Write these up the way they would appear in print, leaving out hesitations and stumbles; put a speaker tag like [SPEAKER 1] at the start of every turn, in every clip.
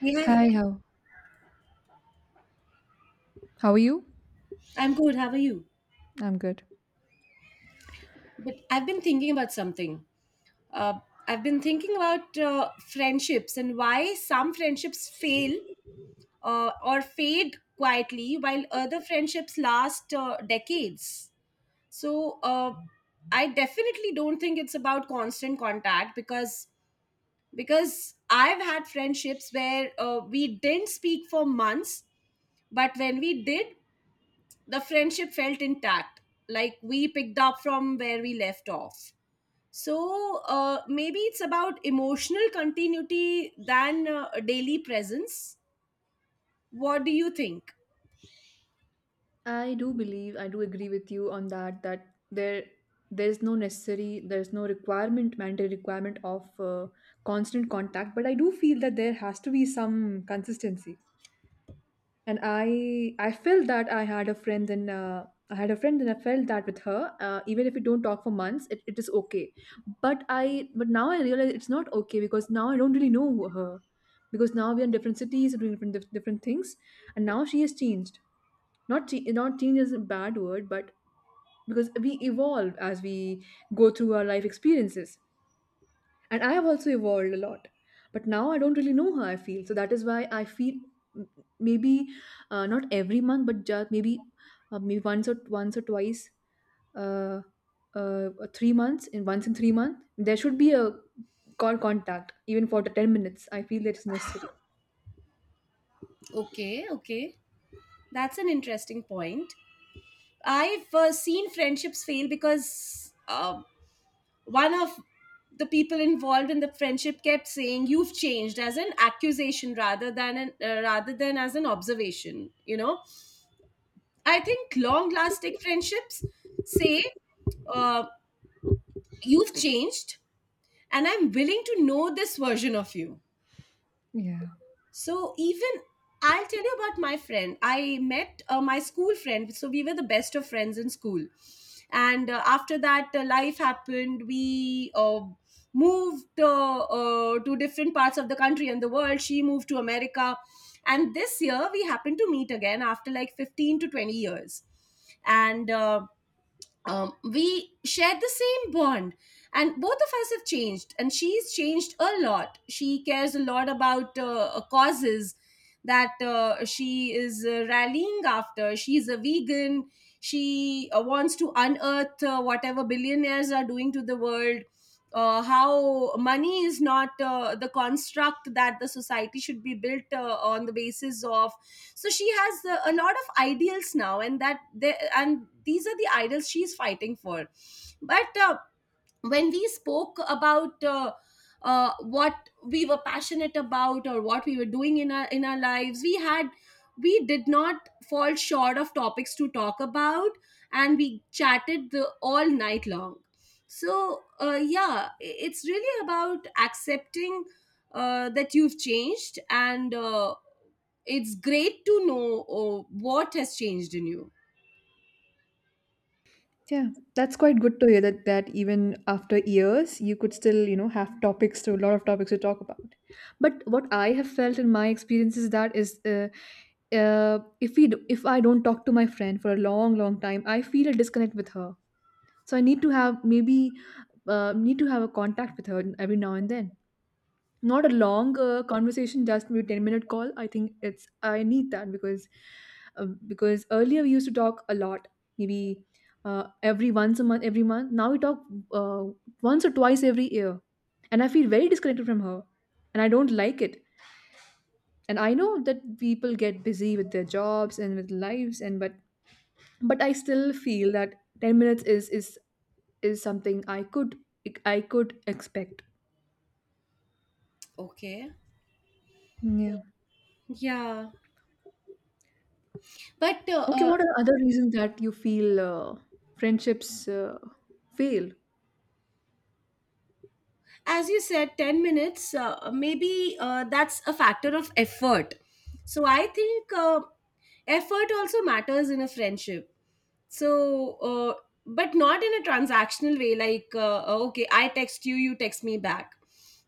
[SPEAKER 1] Hey, hi.
[SPEAKER 2] Hi, how are you?
[SPEAKER 1] I'm good. How are you?
[SPEAKER 2] I'm good.
[SPEAKER 1] But I've been thinking about something. Uh, I've been thinking about friendships and why some friendships fail or fade quietly while other friendships last decades. So I definitely don't think it's about constant contact because I've had friendships where we didn't speak for months, but when we did, the friendship felt intact, like we picked up from where we left off. So maybe it's about emotional continuity than daily presence. What do you think?
[SPEAKER 2] I do believe, I do agree with you on that, that there's no necessary, there's no requirement, mandatory requirement of constant contact, but I do feel that there has to be some consistency. And I felt that I had a friend and I felt that with her, even if we don't talk for months, it is okay, but I but now I realize it's not okay because now I don't really know her, because now we're in different cities doing different things, and now she has changed. Not change is a bad word, but because we evolve as we go through our life experiences, and I have also evolved a lot. But now I don't really know how I feel. So that is why I feel maybe not every month, but just maybe maybe once or twice, uh, three months in once in 3 months there should be a call contact, even for the 10 minutes. I feel that is necessary.
[SPEAKER 1] Okay, okay, that's an interesting point. I've seen friendships fail because one of the people involved in the friendship kept saying you've changed as an accusation rather than as an observation. I think long lasting friendships say, uh, you've changed, and I'm willing to know this version of you.
[SPEAKER 2] Yeah.
[SPEAKER 1] So, even I'll tell you about my friend. I met my school friend. So, we were the best of friends in school. And after that, life happened. We moved to different parts of the country and the world. She moved to America. And this year, we happened to meet again after like 15 to 20 years. And we share the same bond, and both of us have changed. And she's changed a lot. She cares a lot about causes that she is rallying after. She's a vegan. She wants to unearth whatever billionaires are doing to the world. How money is not the construct that the society should be built on the basis of. So she has a lot of ideals now, and these are the ideals she's fighting for. But when we spoke about what we were passionate about or what we were doing in our lives, we did not fall short of topics to talk about, and we chatted the all night long. So, yeah, it's really about accepting that you've changed, and it's great to know what has changed in you.
[SPEAKER 2] Yeah, that's quite good to hear, that even after years you could still, you know, have topics to a lot of topics to talk about. But what I have felt in my experience is that is if if I don't talk to my friend for a long, long time, I feel a disconnect with her. So I need to have maybe need to have a contact with her every now and then, not a long conversation, just maybe 10-minute call. I think it's, I need that because earlier we used to talk a lot. Maybe every month. Now we talk uh, once or twice every year, and I feel very disconnected from her, and I don't like it. And I know that people get busy with their jobs and with lives and, but I still feel that 10 minutes is something I could, I could expect.
[SPEAKER 1] Okay,
[SPEAKER 2] Yeah.
[SPEAKER 1] yeah. but uh,
[SPEAKER 2] Okay,
[SPEAKER 1] uh,
[SPEAKER 2] what are the other reasons that you feel friendships fail?
[SPEAKER 1] as you said 10 minutes, maybe that's a factor of effort. So I think effort also matters in a friendship. So uh, but not in a transactional way, like okay, I text you, you text me back.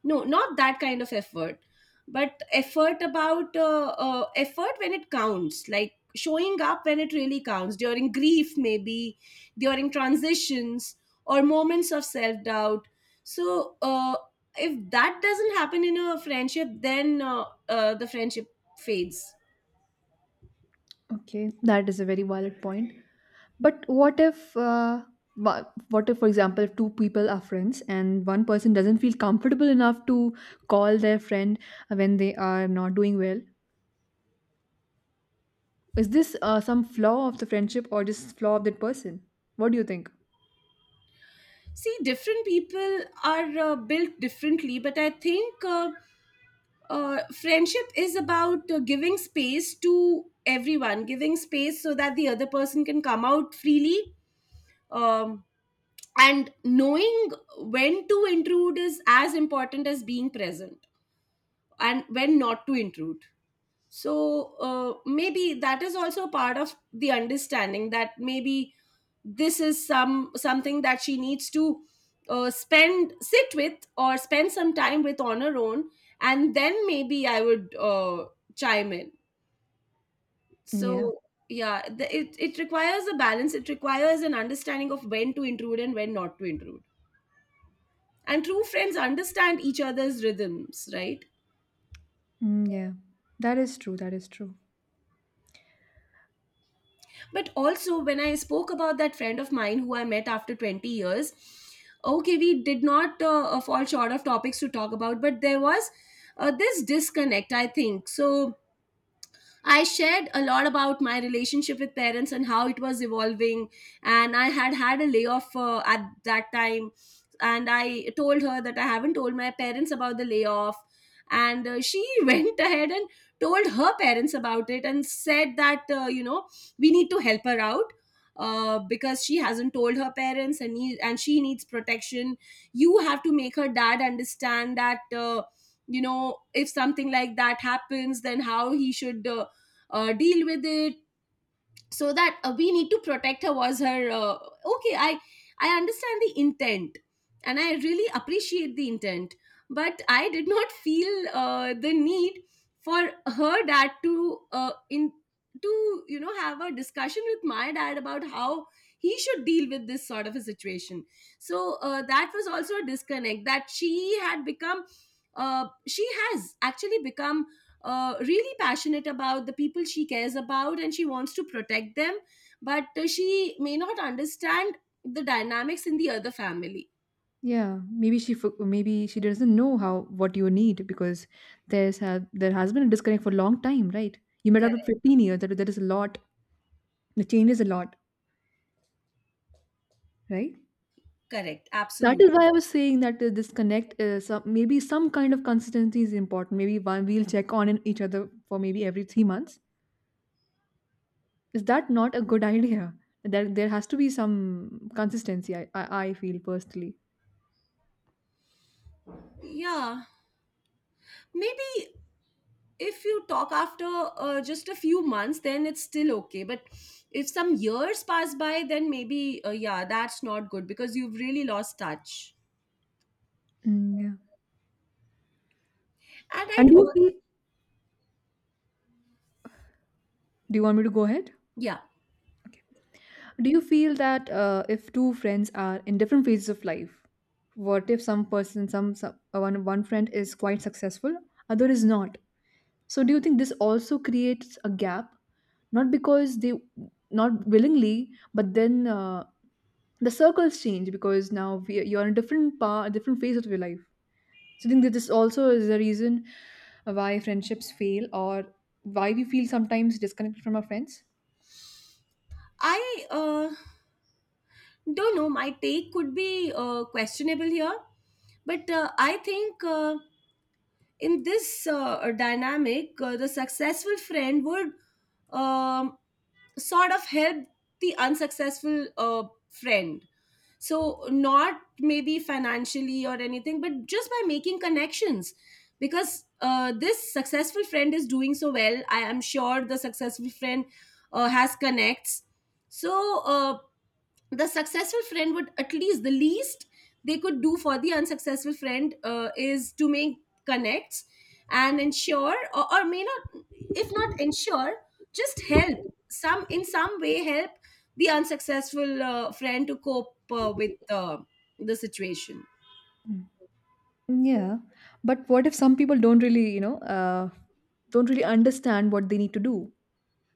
[SPEAKER 1] No, not that kind of effort. But effort when it counts, like showing up when it really counts, during grief maybe, during transitions, or moments of self doubt. So, if that doesn't happen in a friendship, then the friendship fades.
[SPEAKER 2] Okay, that is a very valid point. But what if, wha- what if, for example, if two people are friends and one person doesn't feel comfortable enough to call their friend when they are not doing well? Is this some flaw of the friendship or just flaw of that person? What do you think?
[SPEAKER 1] See, different people are built differently, but I think friendship is about giving space to everyone, giving space so that the other person can come out freely. Um, and knowing when to intrude is as important as being present, and when not to intrude. So maybe that is also part of the understanding that maybe this is something that she needs to spend sit with or spend some time with on her own, and then maybe I would chime in.
[SPEAKER 2] Yeah.
[SPEAKER 1] So, yeah, it requires a balance. It requires an understanding of when to intrude and when not to intrude. And true friends understand each other's rhythms, right?
[SPEAKER 2] Mm, yeah, that is true. That is true.
[SPEAKER 1] But also, when I spoke about that friend of mine who I met after 20 years, okay, we did not fall short of topics to talk about, but there was this disconnect, I think. So, I shared a lot about my relationship with parents and how it was evolving. And I had had a layoff at that time. And I told her that I haven't told my parents about the layoff. And she went ahead and told her parents about it and said that, we need to help her out. Because she hasn't told her parents, and she needs protection. You have to make her dad understand that if something like that happens, then how he should deal with it. So that we need to protect her was her. Okay, I understand the intent, and I really appreciate the intent, but I did not feel the need for her dad to in to you know have a discussion with my dad about how he should deal with this sort of a situation. So, that was also a disconnect, that she has actually become really passionate about the people she cares about, and she wants to protect them, but she may not understand the dynamics in the other family.
[SPEAKER 2] Yeah, maybe maybe she doesn't know how, what you need, because there's there has been a disconnect for a long time, right? You met up with
[SPEAKER 1] Correct,
[SPEAKER 2] 15 years. That is a lot. The change is a lot, right?
[SPEAKER 1] correct,
[SPEAKER 2] That is
[SPEAKER 1] absolutely.
[SPEAKER 2] why I was saying that the disconnect is some, maybe some kind of consistency is important. Maybe one we'll check on in each other for maybe every 3 months. Is that not a good idea? That there has to be some consistency. I feel personally.
[SPEAKER 1] Yeah, maybe if you talk after just a few months, then it's still okay. But if some years pass by, then maybe, yeah, that's not good because you've really lost touch.
[SPEAKER 2] Mm, yeah.
[SPEAKER 1] And
[SPEAKER 2] And
[SPEAKER 1] I'd,
[SPEAKER 2] do you
[SPEAKER 1] al-
[SPEAKER 2] feel? Do you want me to go ahead?
[SPEAKER 1] yeah,
[SPEAKER 2] Do you feel that, if two friends are in different phases of life, what if some person, some one one friend is quite successful, other is not? So do you think this also creates a gap? Not because they, not willingly, but then the circles change because you're in a different part, different phase of your life. So I think that this also is the reason why friendships fail, or why we feel sometimes disconnected from our friends.
[SPEAKER 1] I don't know, my take could be questionable here, but I think in this dynamic, the successful friend would um, sort of help the unsuccessful friend. So, not maybe financially or anything, but just by making connections. Because this successful friend is doing so well. I am sure the successful friend has connects. So, the successful friend would at least the least they could do for the unsuccessful friend is to make connects and ensure or may not, if not ensure, just help, some in some way help the unsuccessful friend to cope with the situation.
[SPEAKER 2] Mm, yeah, but what if some people don't really, you know, don't really understand what they need to do,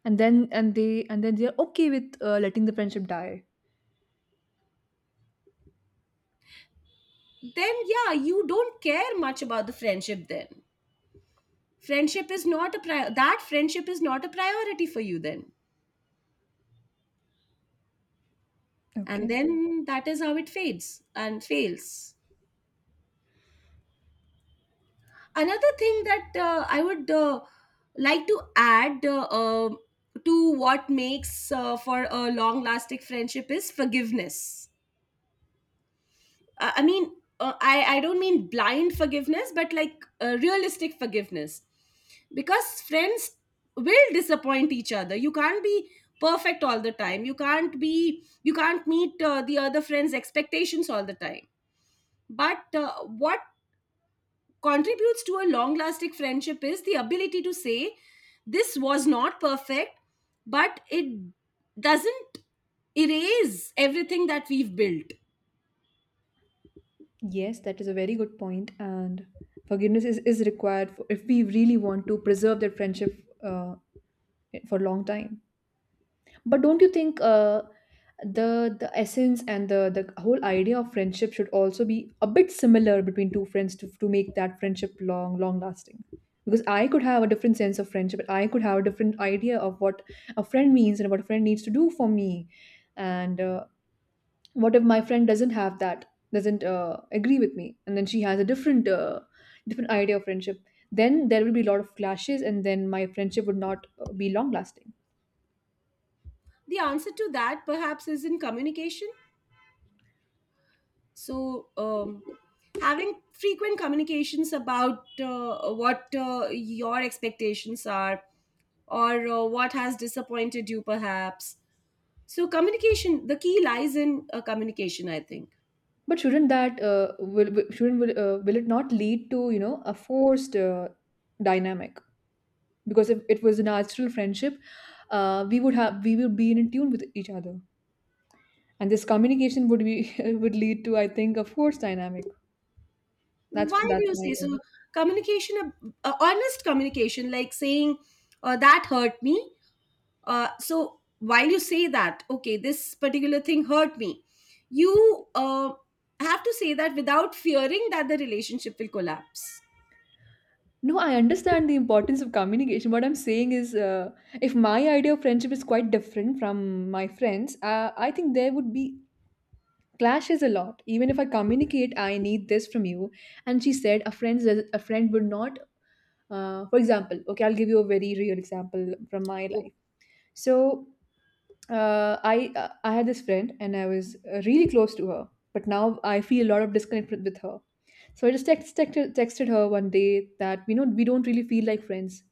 [SPEAKER 2] and then and they and then they're okay with letting the friendship die.
[SPEAKER 1] Then, yeah, you don't care much about the friendship then. Friendship is not a pri- that friendship is not a priority for you then. And
[SPEAKER 2] Okay.
[SPEAKER 1] then that is how it fades and fails. Another thing that I would like to add, to what makes for a long lasting friendship, is forgiveness. I mean I don't mean blind forgiveness, but like realistic forgiveness, because friends will disappoint each other. You can't be perfect all the time. You can't meet the other friends expectations all the time. But what contributes to a long lasting friendship is the ability to say this was not perfect, but it doesn't erase everything that we've built.
[SPEAKER 2] Yes, that is a very good point, and forgiveness is required for, if we really want to preserve that friendship uh, for a long time. But don't you think the essence and the whole idea of friendship should also be a bit similar between two friends to make that friendship long long lasting? Because I could have a different sense of friendship, and I could have a different idea of what a friend means and what a friend needs to do for me. And what if my friend doesn't have that, doesn't agree with me, and then she has a different different idea of friendship? Then there will be a lot of clashes, and then my friendship would not be long lasting.
[SPEAKER 1] The answer to that perhaps is in communication. So having frequent communications about what your expectations are, or what has disappointed you perhaps. So communication the key lies in communication, I think.
[SPEAKER 2] But shouldn't that will- shouldn't will it not lead to, you know, a forced dynamic? Because if it was a natural friendship, we would be in tune with each other, and this communication would be would lead to, I think, a forced dynamic.
[SPEAKER 1] Why
[SPEAKER 2] That's
[SPEAKER 1] do you
[SPEAKER 2] my
[SPEAKER 1] say so?
[SPEAKER 2] opinion.
[SPEAKER 1] Honest communication, like saying that hurt me. So while you say that, okay, this particular thing hurt me, you have to say that without fearing that the relationship will collapse.
[SPEAKER 2] No, I understand the importance of communication. What I'm saying is, if my idea of friendship is quite different from my friends, I think there would be clashes a lot, even if I communicate I need this from you, and she said a friend would not, for example, okay, I'll give you a very real example from my
[SPEAKER 1] Oh,
[SPEAKER 2] life. So I had this friend and I was really close to her, but now I feel a lot of disconnect with her. So I just texted her one day that, we know, we don't really feel like friends,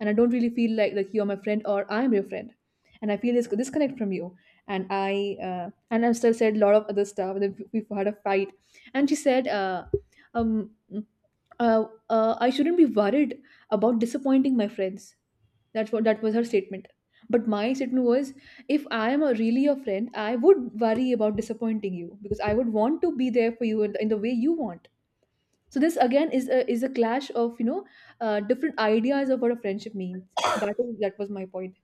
[SPEAKER 2] and I don't really feel like you're my friend or I'm your friend, and I feel this disconnect from you. And I, and I still said a lot of other stuff. And then we had a fight, and she said, um, I shouldn't be worried about disappointing my friends. That's what that was her statement. But my statement was, if I am a really your friend, I would worry about disappointing you because I would want to be there for you in the way you want. So this again is a clash of, you know, different ideas of what a friendship means. That is, that was my point.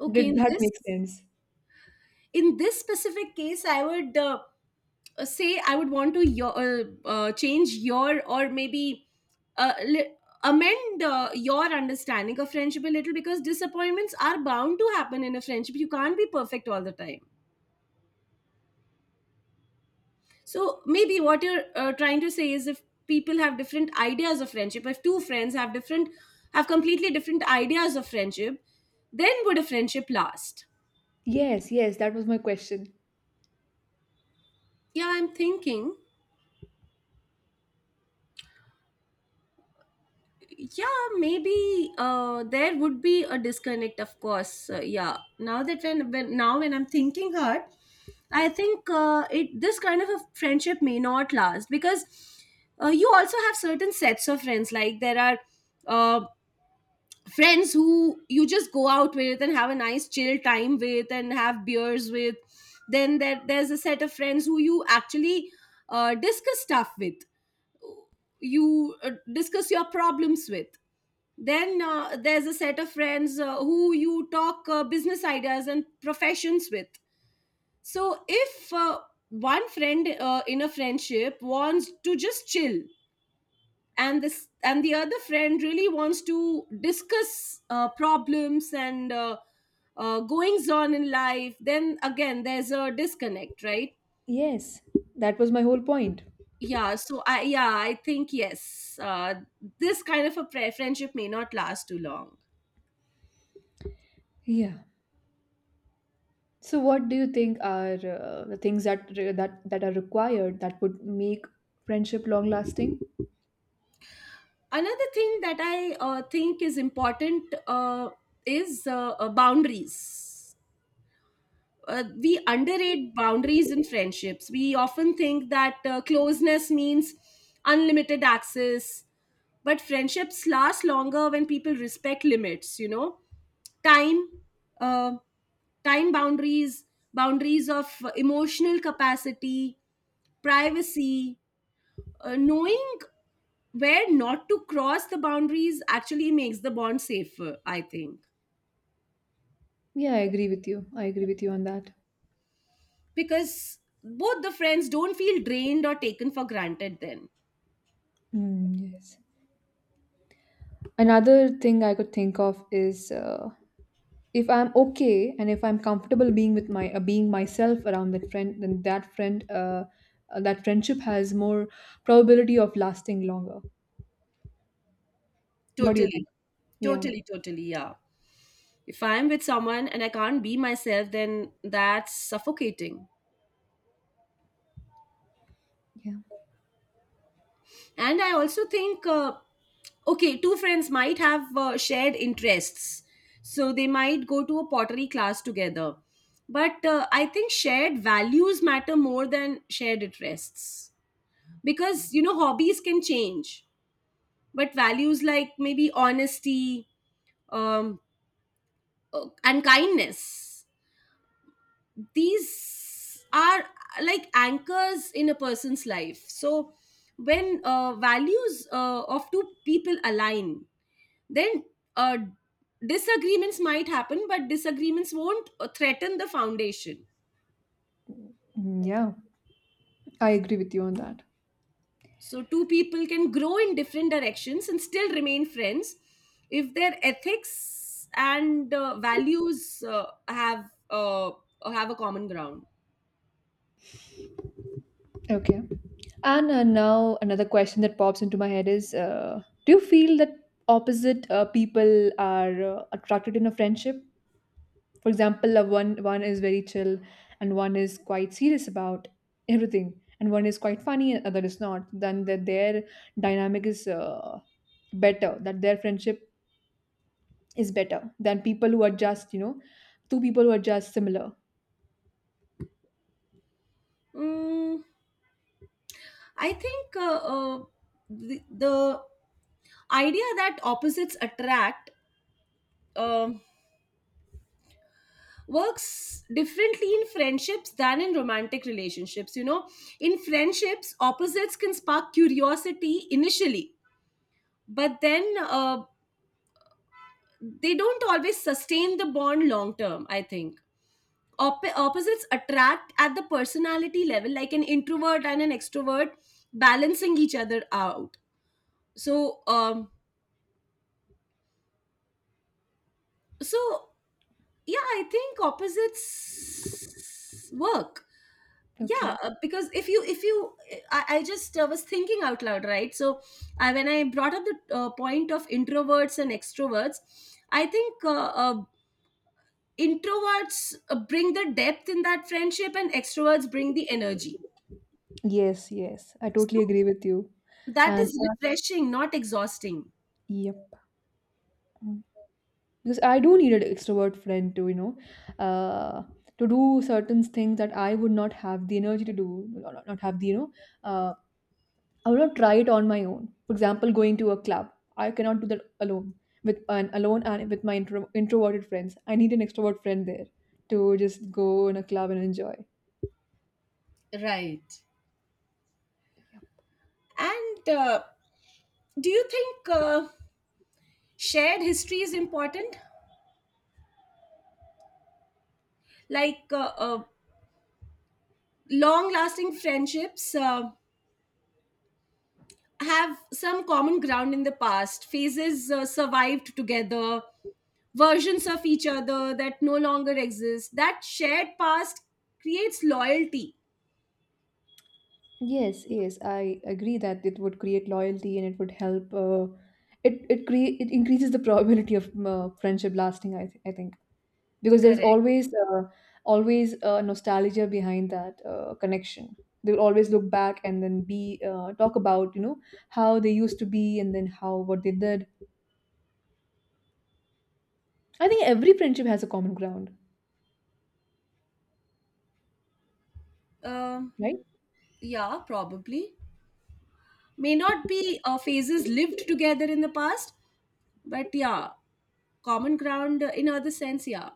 [SPEAKER 1] okay.
[SPEAKER 2] Did
[SPEAKER 1] In
[SPEAKER 2] that
[SPEAKER 1] this
[SPEAKER 2] make sense?
[SPEAKER 1] in this specific case, I would say I would want to your, change your, or maybe uh, li- amend your understanding of friendship a little, because disappointments are bound to happen in a friendship. You can't be perfect all the time. So maybe what you're trying to say is, if people have different ideas of friendship, if two friends have completely different ideas of friendship, then would a friendship last?
[SPEAKER 2] Yes, yes, that was my question.
[SPEAKER 1] Yeah, I'm thinking. Yeah, maybe there would be a disconnect, of course. Yeah, now that when I'm thinking hard, I think it this kind of a friendship may not last because you also have certain sets of friends. Like, there are uh, friends who you just go out with and have a nice chill time with and have beers with. Then there's a set of friends who you actually discuss stuff with, you discuss your problems with. Then there's a set of friends who you talk business ideas and professions with. So if one friend in a friendship wants to just chill, and this and the other friend really wants to discuss problems and goings on in life, then again there's a disconnect, right?
[SPEAKER 2] Yes, that was my whole point.
[SPEAKER 1] Yeah, so I think, yes, this kind of a friendship may not last too long.
[SPEAKER 2] Yeah. So what do you think are the things that that are required that would make friendship long lasting?
[SPEAKER 1] Another thing that I think is important, is boundaries. We underrate boundaries in friendships. We often think that closeness means unlimited access, but friendships last longer when people respect limits. time uh, time boundaries, boundaries of emotional capacity, privacy, knowing where not to cross the boundaries actually makes the bond safer, I think.
[SPEAKER 2] Yeah, I agree with you. I agree with you on that.
[SPEAKER 1] Because both the friends don't feel drained or taken for granted then.
[SPEAKER 2] Mm, yes. Another thing I could think of is, if I'm okay and if I'm comfortable being with my being myself around that friend, then that friendship has more probability of lasting longer. What do you think?
[SPEAKER 1] Totally.
[SPEAKER 2] Yeah,
[SPEAKER 1] Totally, totally, yeah. If I'm with someone and I can't be myself, then that's suffocating.
[SPEAKER 2] yeah.
[SPEAKER 1] And I also think okay, two friends might have shared interests, so they might go to a pottery class together, but I think shared values matter more than shared interests, because you know hobbies can change, but values like maybe honesty um, and kindness, these are like anchors in a person's life. So when values of two people align, then uh, disagreements might happen, but disagreements won't threaten the foundation.
[SPEAKER 2] Mm, yeah. I agree with you on that.
[SPEAKER 1] So two people can grow in different directions and still remain friends if their ethics and values have a common ground.
[SPEAKER 2] Okay. And now another question that pops into my head is: do you feel that opposite people are attracted in a friendship? For example, one is very chill, and one is quite serious about everything, and one is quite funny and other is not, then that their dynamic is better, that their friendship is better than people who are just, you know, two people who are just similar.
[SPEAKER 1] Mm, I think the idea that opposites attract um works differently in friendships than in romantic relationships. You know, in friendships, opposites can spark curiosity initially, but then they don't always sustain the bond long term, I think. Opposites attract at the personality level, like an introvert and an extrovert balancing each other out. So, um, so yeah, I think opposites work. Yeah,
[SPEAKER 2] Okay.
[SPEAKER 1] because if you I just was thinking out loud, right? So when I brought up the point of introverts and extroverts, I think introverts bring the depth in that friendship and extroverts bring the energy,
[SPEAKER 2] Yes, yes, I totally
[SPEAKER 1] so
[SPEAKER 2] agree with you.
[SPEAKER 1] that
[SPEAKER 2] And
[SPEAKER 1] is refreshing, not exhausting.
[SPEAKER 2] yep. Mm. Because I do need an extrovert friend to, you know, uh to do certain things that I would not have the energy to do, not have the, you know, uh, I will not try it on my own. For example, going to a club. I cannot do that alone. With an alone and with my introverted friends, I need an extrovert friend there to just go in a club and enjoy.
[SPEAKER 1] Right.
[SPEAKER 2] Yeah.
[SPEAKER 1] And do you think shared history is important, like long lasting friendships have some common ground in the past? Phases survived together, versions of each other that no longer exist. That shared past creates loyalty.
[SPEAKER 2] Yes, yes, I agree that it would create loyalty, and it would help. It it create, it increases the probability of friendship lasting. I think. Because there's
[SPEAKER 1] Correct.
[SPEAKER 2] always always nostalgia behind that connection. They will always look back and then be, talk about, you know, how they used to be and then how, what they did. I think every friendship has a common ground,
[SPEAKER 1] Uh,
[SPEAKER 2] right?
[SPEAKER 1] yeah, probably. May not be phases lived together in the past, but yeah, common ground in other sense, yeah.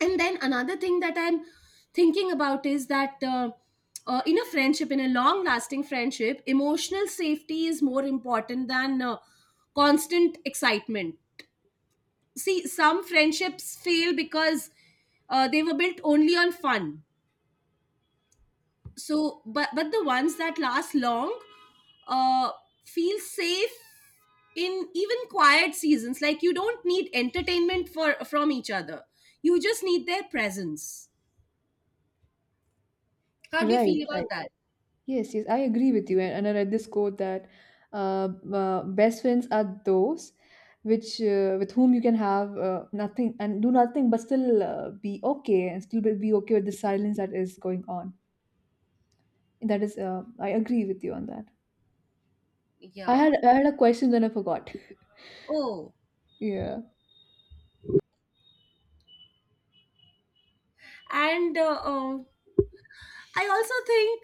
[SPEAKER 1] And then another thing that I'm thinking about is that in a friendship, in a long lasting friendship, emotional safety is more important than constant excitement. See, some friendships fail because they were built only on fun. But the ones that last long uh, feel safe in even quiet seasons. Like you don't need entertainment for from each other, you just need their presence. How do you
[SPEAKER 2] right
[SPEAKER 1] feel about
[SPEAKER 2] right
[SPEAKER 1] that?
[SPEAKER 2] Yes, yes, I agree with you. And I read this quote that, uh, best friends are those which, with whom you can have nothing and do nothing but still be okay, and still be okay with the silence that is going on. That is, I agree with you on that.
[SPEAKER 1] Yeah.
[SPEAKER 2] I had a question, then I forgot.
[SPEAKER 1] Oh,
[SPEAKER 2] Yeah.
[SPEAKER 1] and I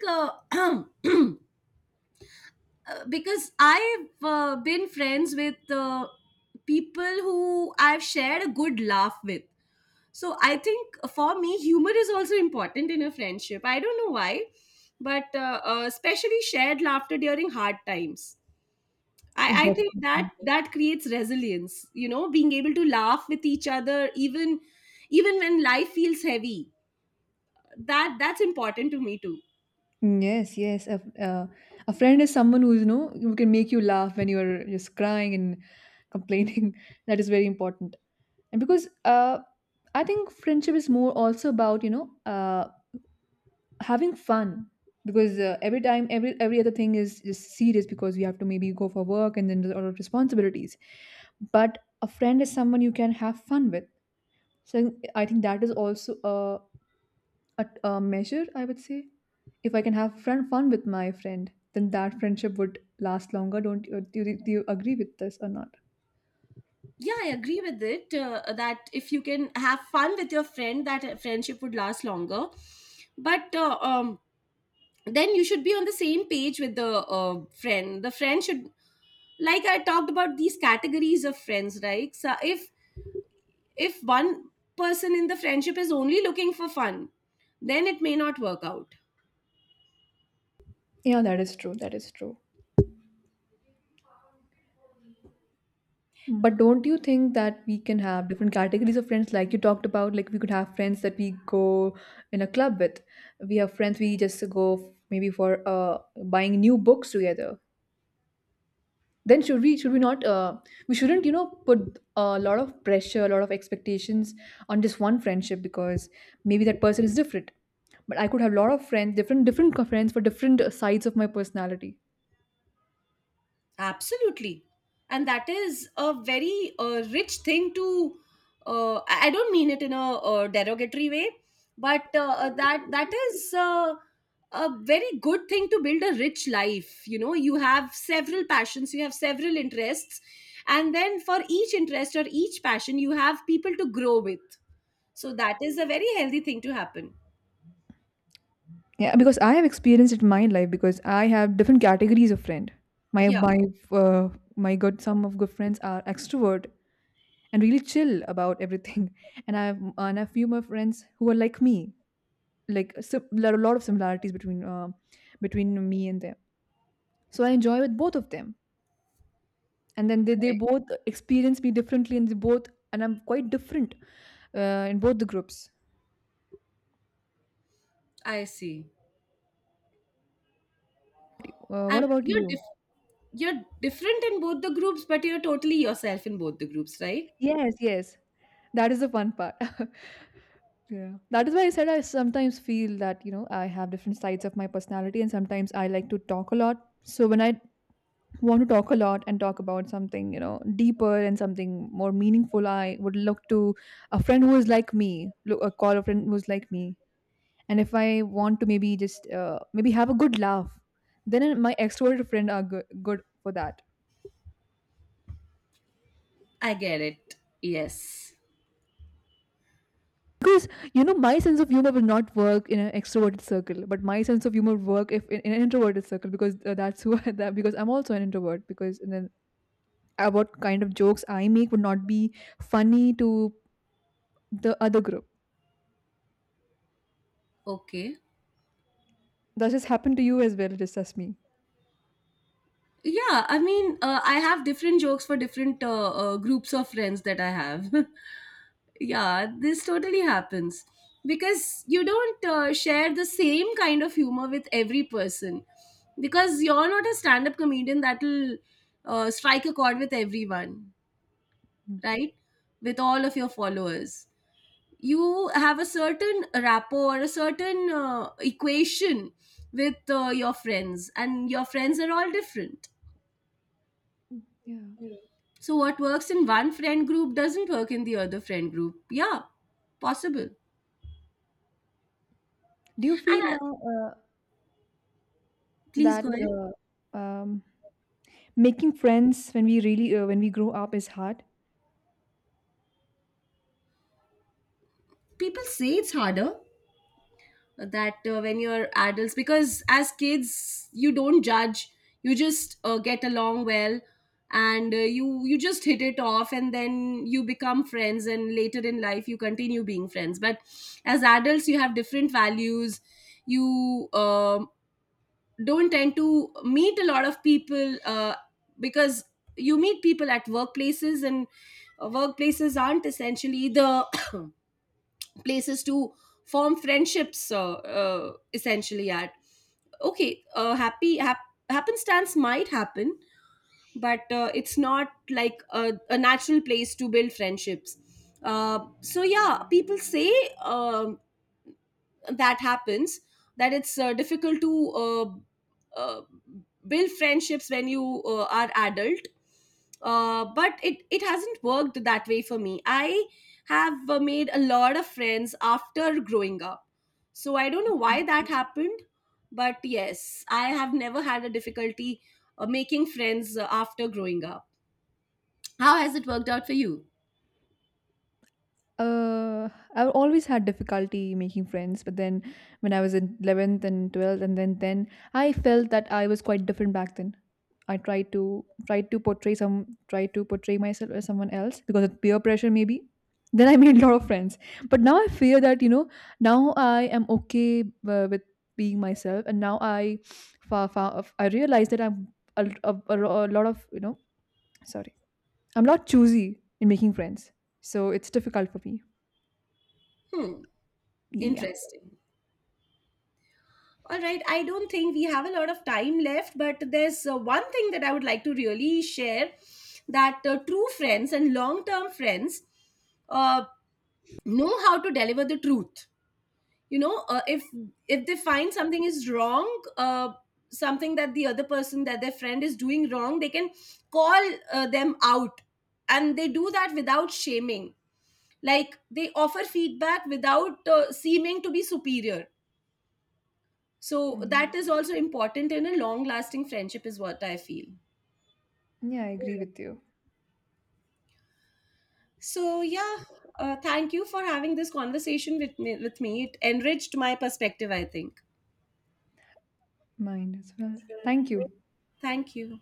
[SPEAKER 1] also think because I've been friends with people who I've shared a good laugh with. So I think for me, humor is also important in a friendship. I don't know why, but especially shared laughter during hard times.
[SPEAKER 2] Oh,
[SPEAKER 1] I think that
[SPEAKER 2] definitely.
[SPEAKER 1] that creates resilience. You know, being able to laugh with each other even even when life feels heavy, that that's important to me too.
[SPEAKER 2] Yes, yes. Uh, a friend is someone who's, you know, who can make you laugh when you're just crying and complaining. That is very important. And because I think friendship is more also about, you know, having fun. Because every time, every other thing is just serious because we have to maybe go for work and then there's a lot of responsibilities. But a friend is someone you can have fun with. So I think that is also a measure, I would say. If I can have fun with my friend, then that friendship would last longer. Don't you, do, you, do you agree with this or not?
[SPEAKER 1] Yeah, I agree with it, that if you can have fun with your friend, that friendship would last longer. But then you should be on the same page with the friend should, like I talked about these categories of friends, right? So if one person in the friendship is only looking for fun, then it may not work out.
[SPEAKER 2] Yeah, that is true. That is true. But don't you think that we can have different categories of friends, like you talked about? Like we could have friends that we go in a club with. We have friends we just maybe for buying new books together. Then should we not, we shouldn't, you know, put a lot of pressure, a lot of expectations on just one friendship, because maybe that person is different. But I could have a lot of friends, friends for different sides of my personality.
[SPEAKER 1] Absolutely. And that is a very rich thing to, I don't mean it in a, uh, derogatory way, but that is a very good thing to build a rich life. You know, you have several passions, you have several interests, and then for each interest or each passion, you have people to grow with. So that is a very healthy thing to happen.
[SPEAKER 2] Yeah, because I have experienced it in my life, because I have different categories of friend. my
[SPEAKER 1] Yeah,
[SPEAKER 2] my uh, my good, some of good friends are extrovert and really chill about everything. And I have, and a few more friends who are like me, like a lot of similarities between between me and them. So I enjoy with both of them. And then they
[SPEAKER 1] correct.
[SPEAKER 2] both experience me differently, and they both, and I'm quite different in both the groups.
[SPEAKER 1] I see.
[SPEAKER 2] What
[SPEAKER 1] And
[SPEAKER 2] about
[SPEAKER 1] you're
[SPEAKER 2] you?
[SPEAKER 1] different. You're different in both the groups, but you're totally yourself in both the groups, right?
[SPEAKER 2] Yes, yes. That is the fun part. Yeah. That is why I said, I sometimes feel that, you know, I have different sides of my personality, and sometimes I like to talk a lot. So when I want to talk a lot and talk about something, you know, deeper and something more meaningful, I would look to a friend who is like me, look, call a friend who's like me. And if I want to maybe just maybe have a good laugh, then my extroverted friend are good for that.
[SPEAKER 1] I get it. Yes.
[SPEAKER 2] Because, you know, my sense of humor will not work in an extroverted circle, but my sense of humor work if in, in an introverted circle, because that's who that, because I'm also an introvert, because and then what kind of jokes I make would not be funny to the other group.
[SPEAKER 1] Okay.
[SPEAKER 2] That just happened to you as well, just as me.
[SPEAKER 1] Yeah, I mean, I have different jokes for different groups of friends that I have. Yeah, this totally happens because you don't share the same kind of humor with every person, because you're not a stand up comedian that'll strike a chord with everyone,
[SPEAKER 2] Mm.
[SPEAKER 1] right? With all of your followers. You have a certain rapport or a certain equation with your friends, and your friends are all different,
[SPEAKER 2] Mm, yeah.
[SPEAKER 1] so what works in one friend group doesn't work in the other friend group. Yeah, possible.
[SPEAKER 2] Do you feel
[SPEAKER 1] And
[SPEAKER 2] now
[SPEAKER 1] please
[SPEAKER 2] that
[SPEAKER 1] go ahead.
[SPEAKER 2] making friends when we really when we grow up is hard?
[SPEAKER 1] People say it's harder, that when you're adults, because as kids you don't judge, you just get along well, and you just hit it off and then you become friends, and later in life you continue being friends. But as adults, you have different values, you don't tend to meet a lot of people because you meet people at workplaces, and workplaces aren't essentially the places to form friendships essentially. At, okay, happenstance might happen, but it's not like a natural place to build friendships. So yeah, people say, um, that happens, that it's difficult to build friendships when you are adult. Uh, but it hasn't worked that way for me. I have made a lot of friends after growing up, so I don't know why that happened. But yes, I have never had a difficulty making friends after growing up. How has it worked out for you?
[SPEAKER 2] Uh, I've always had difficulty making friends, but then when I was in 11th and 12th, and then I felt that I was quite different back then. I tried to portray myself as someone else because of peer pressure maybe. Then I made a lot of friends, but now I fear that, you know, now I am okay with being myself, and now I I realize that I'm a, lot of, you know, sorry, I'm not choosy in making friends, so it's difficult for me.
[SPEAKER 1] Hmm.
[SPEAKER 2] Yeah.
[SPEAKER 1] Interesting. All right, I don't think we have a lot of time left, but there's one thing that I would like to really share, that true friends and long term friends uh, know how to deliver the truth. You know, if they find something is wrong, something that the other person, that their friend is doing wrong, they can call them out, and they do that without shaming. Like they offer feedback without seeming to be superior. So
[SPEAKER 2] Mm, yeah,
[SPEAKER 1] that is also important in a long lasting friendship, is what I feel.
[SPEAKER 2] yeah, I agree with you.
[SPEAKER 1] So yeah, thank you for having this conversation with me. With me, it enriched my perspective, I think.
[SPEAKER 2] Mine as well. Thank you.
[SPEAKER 1] Thank you.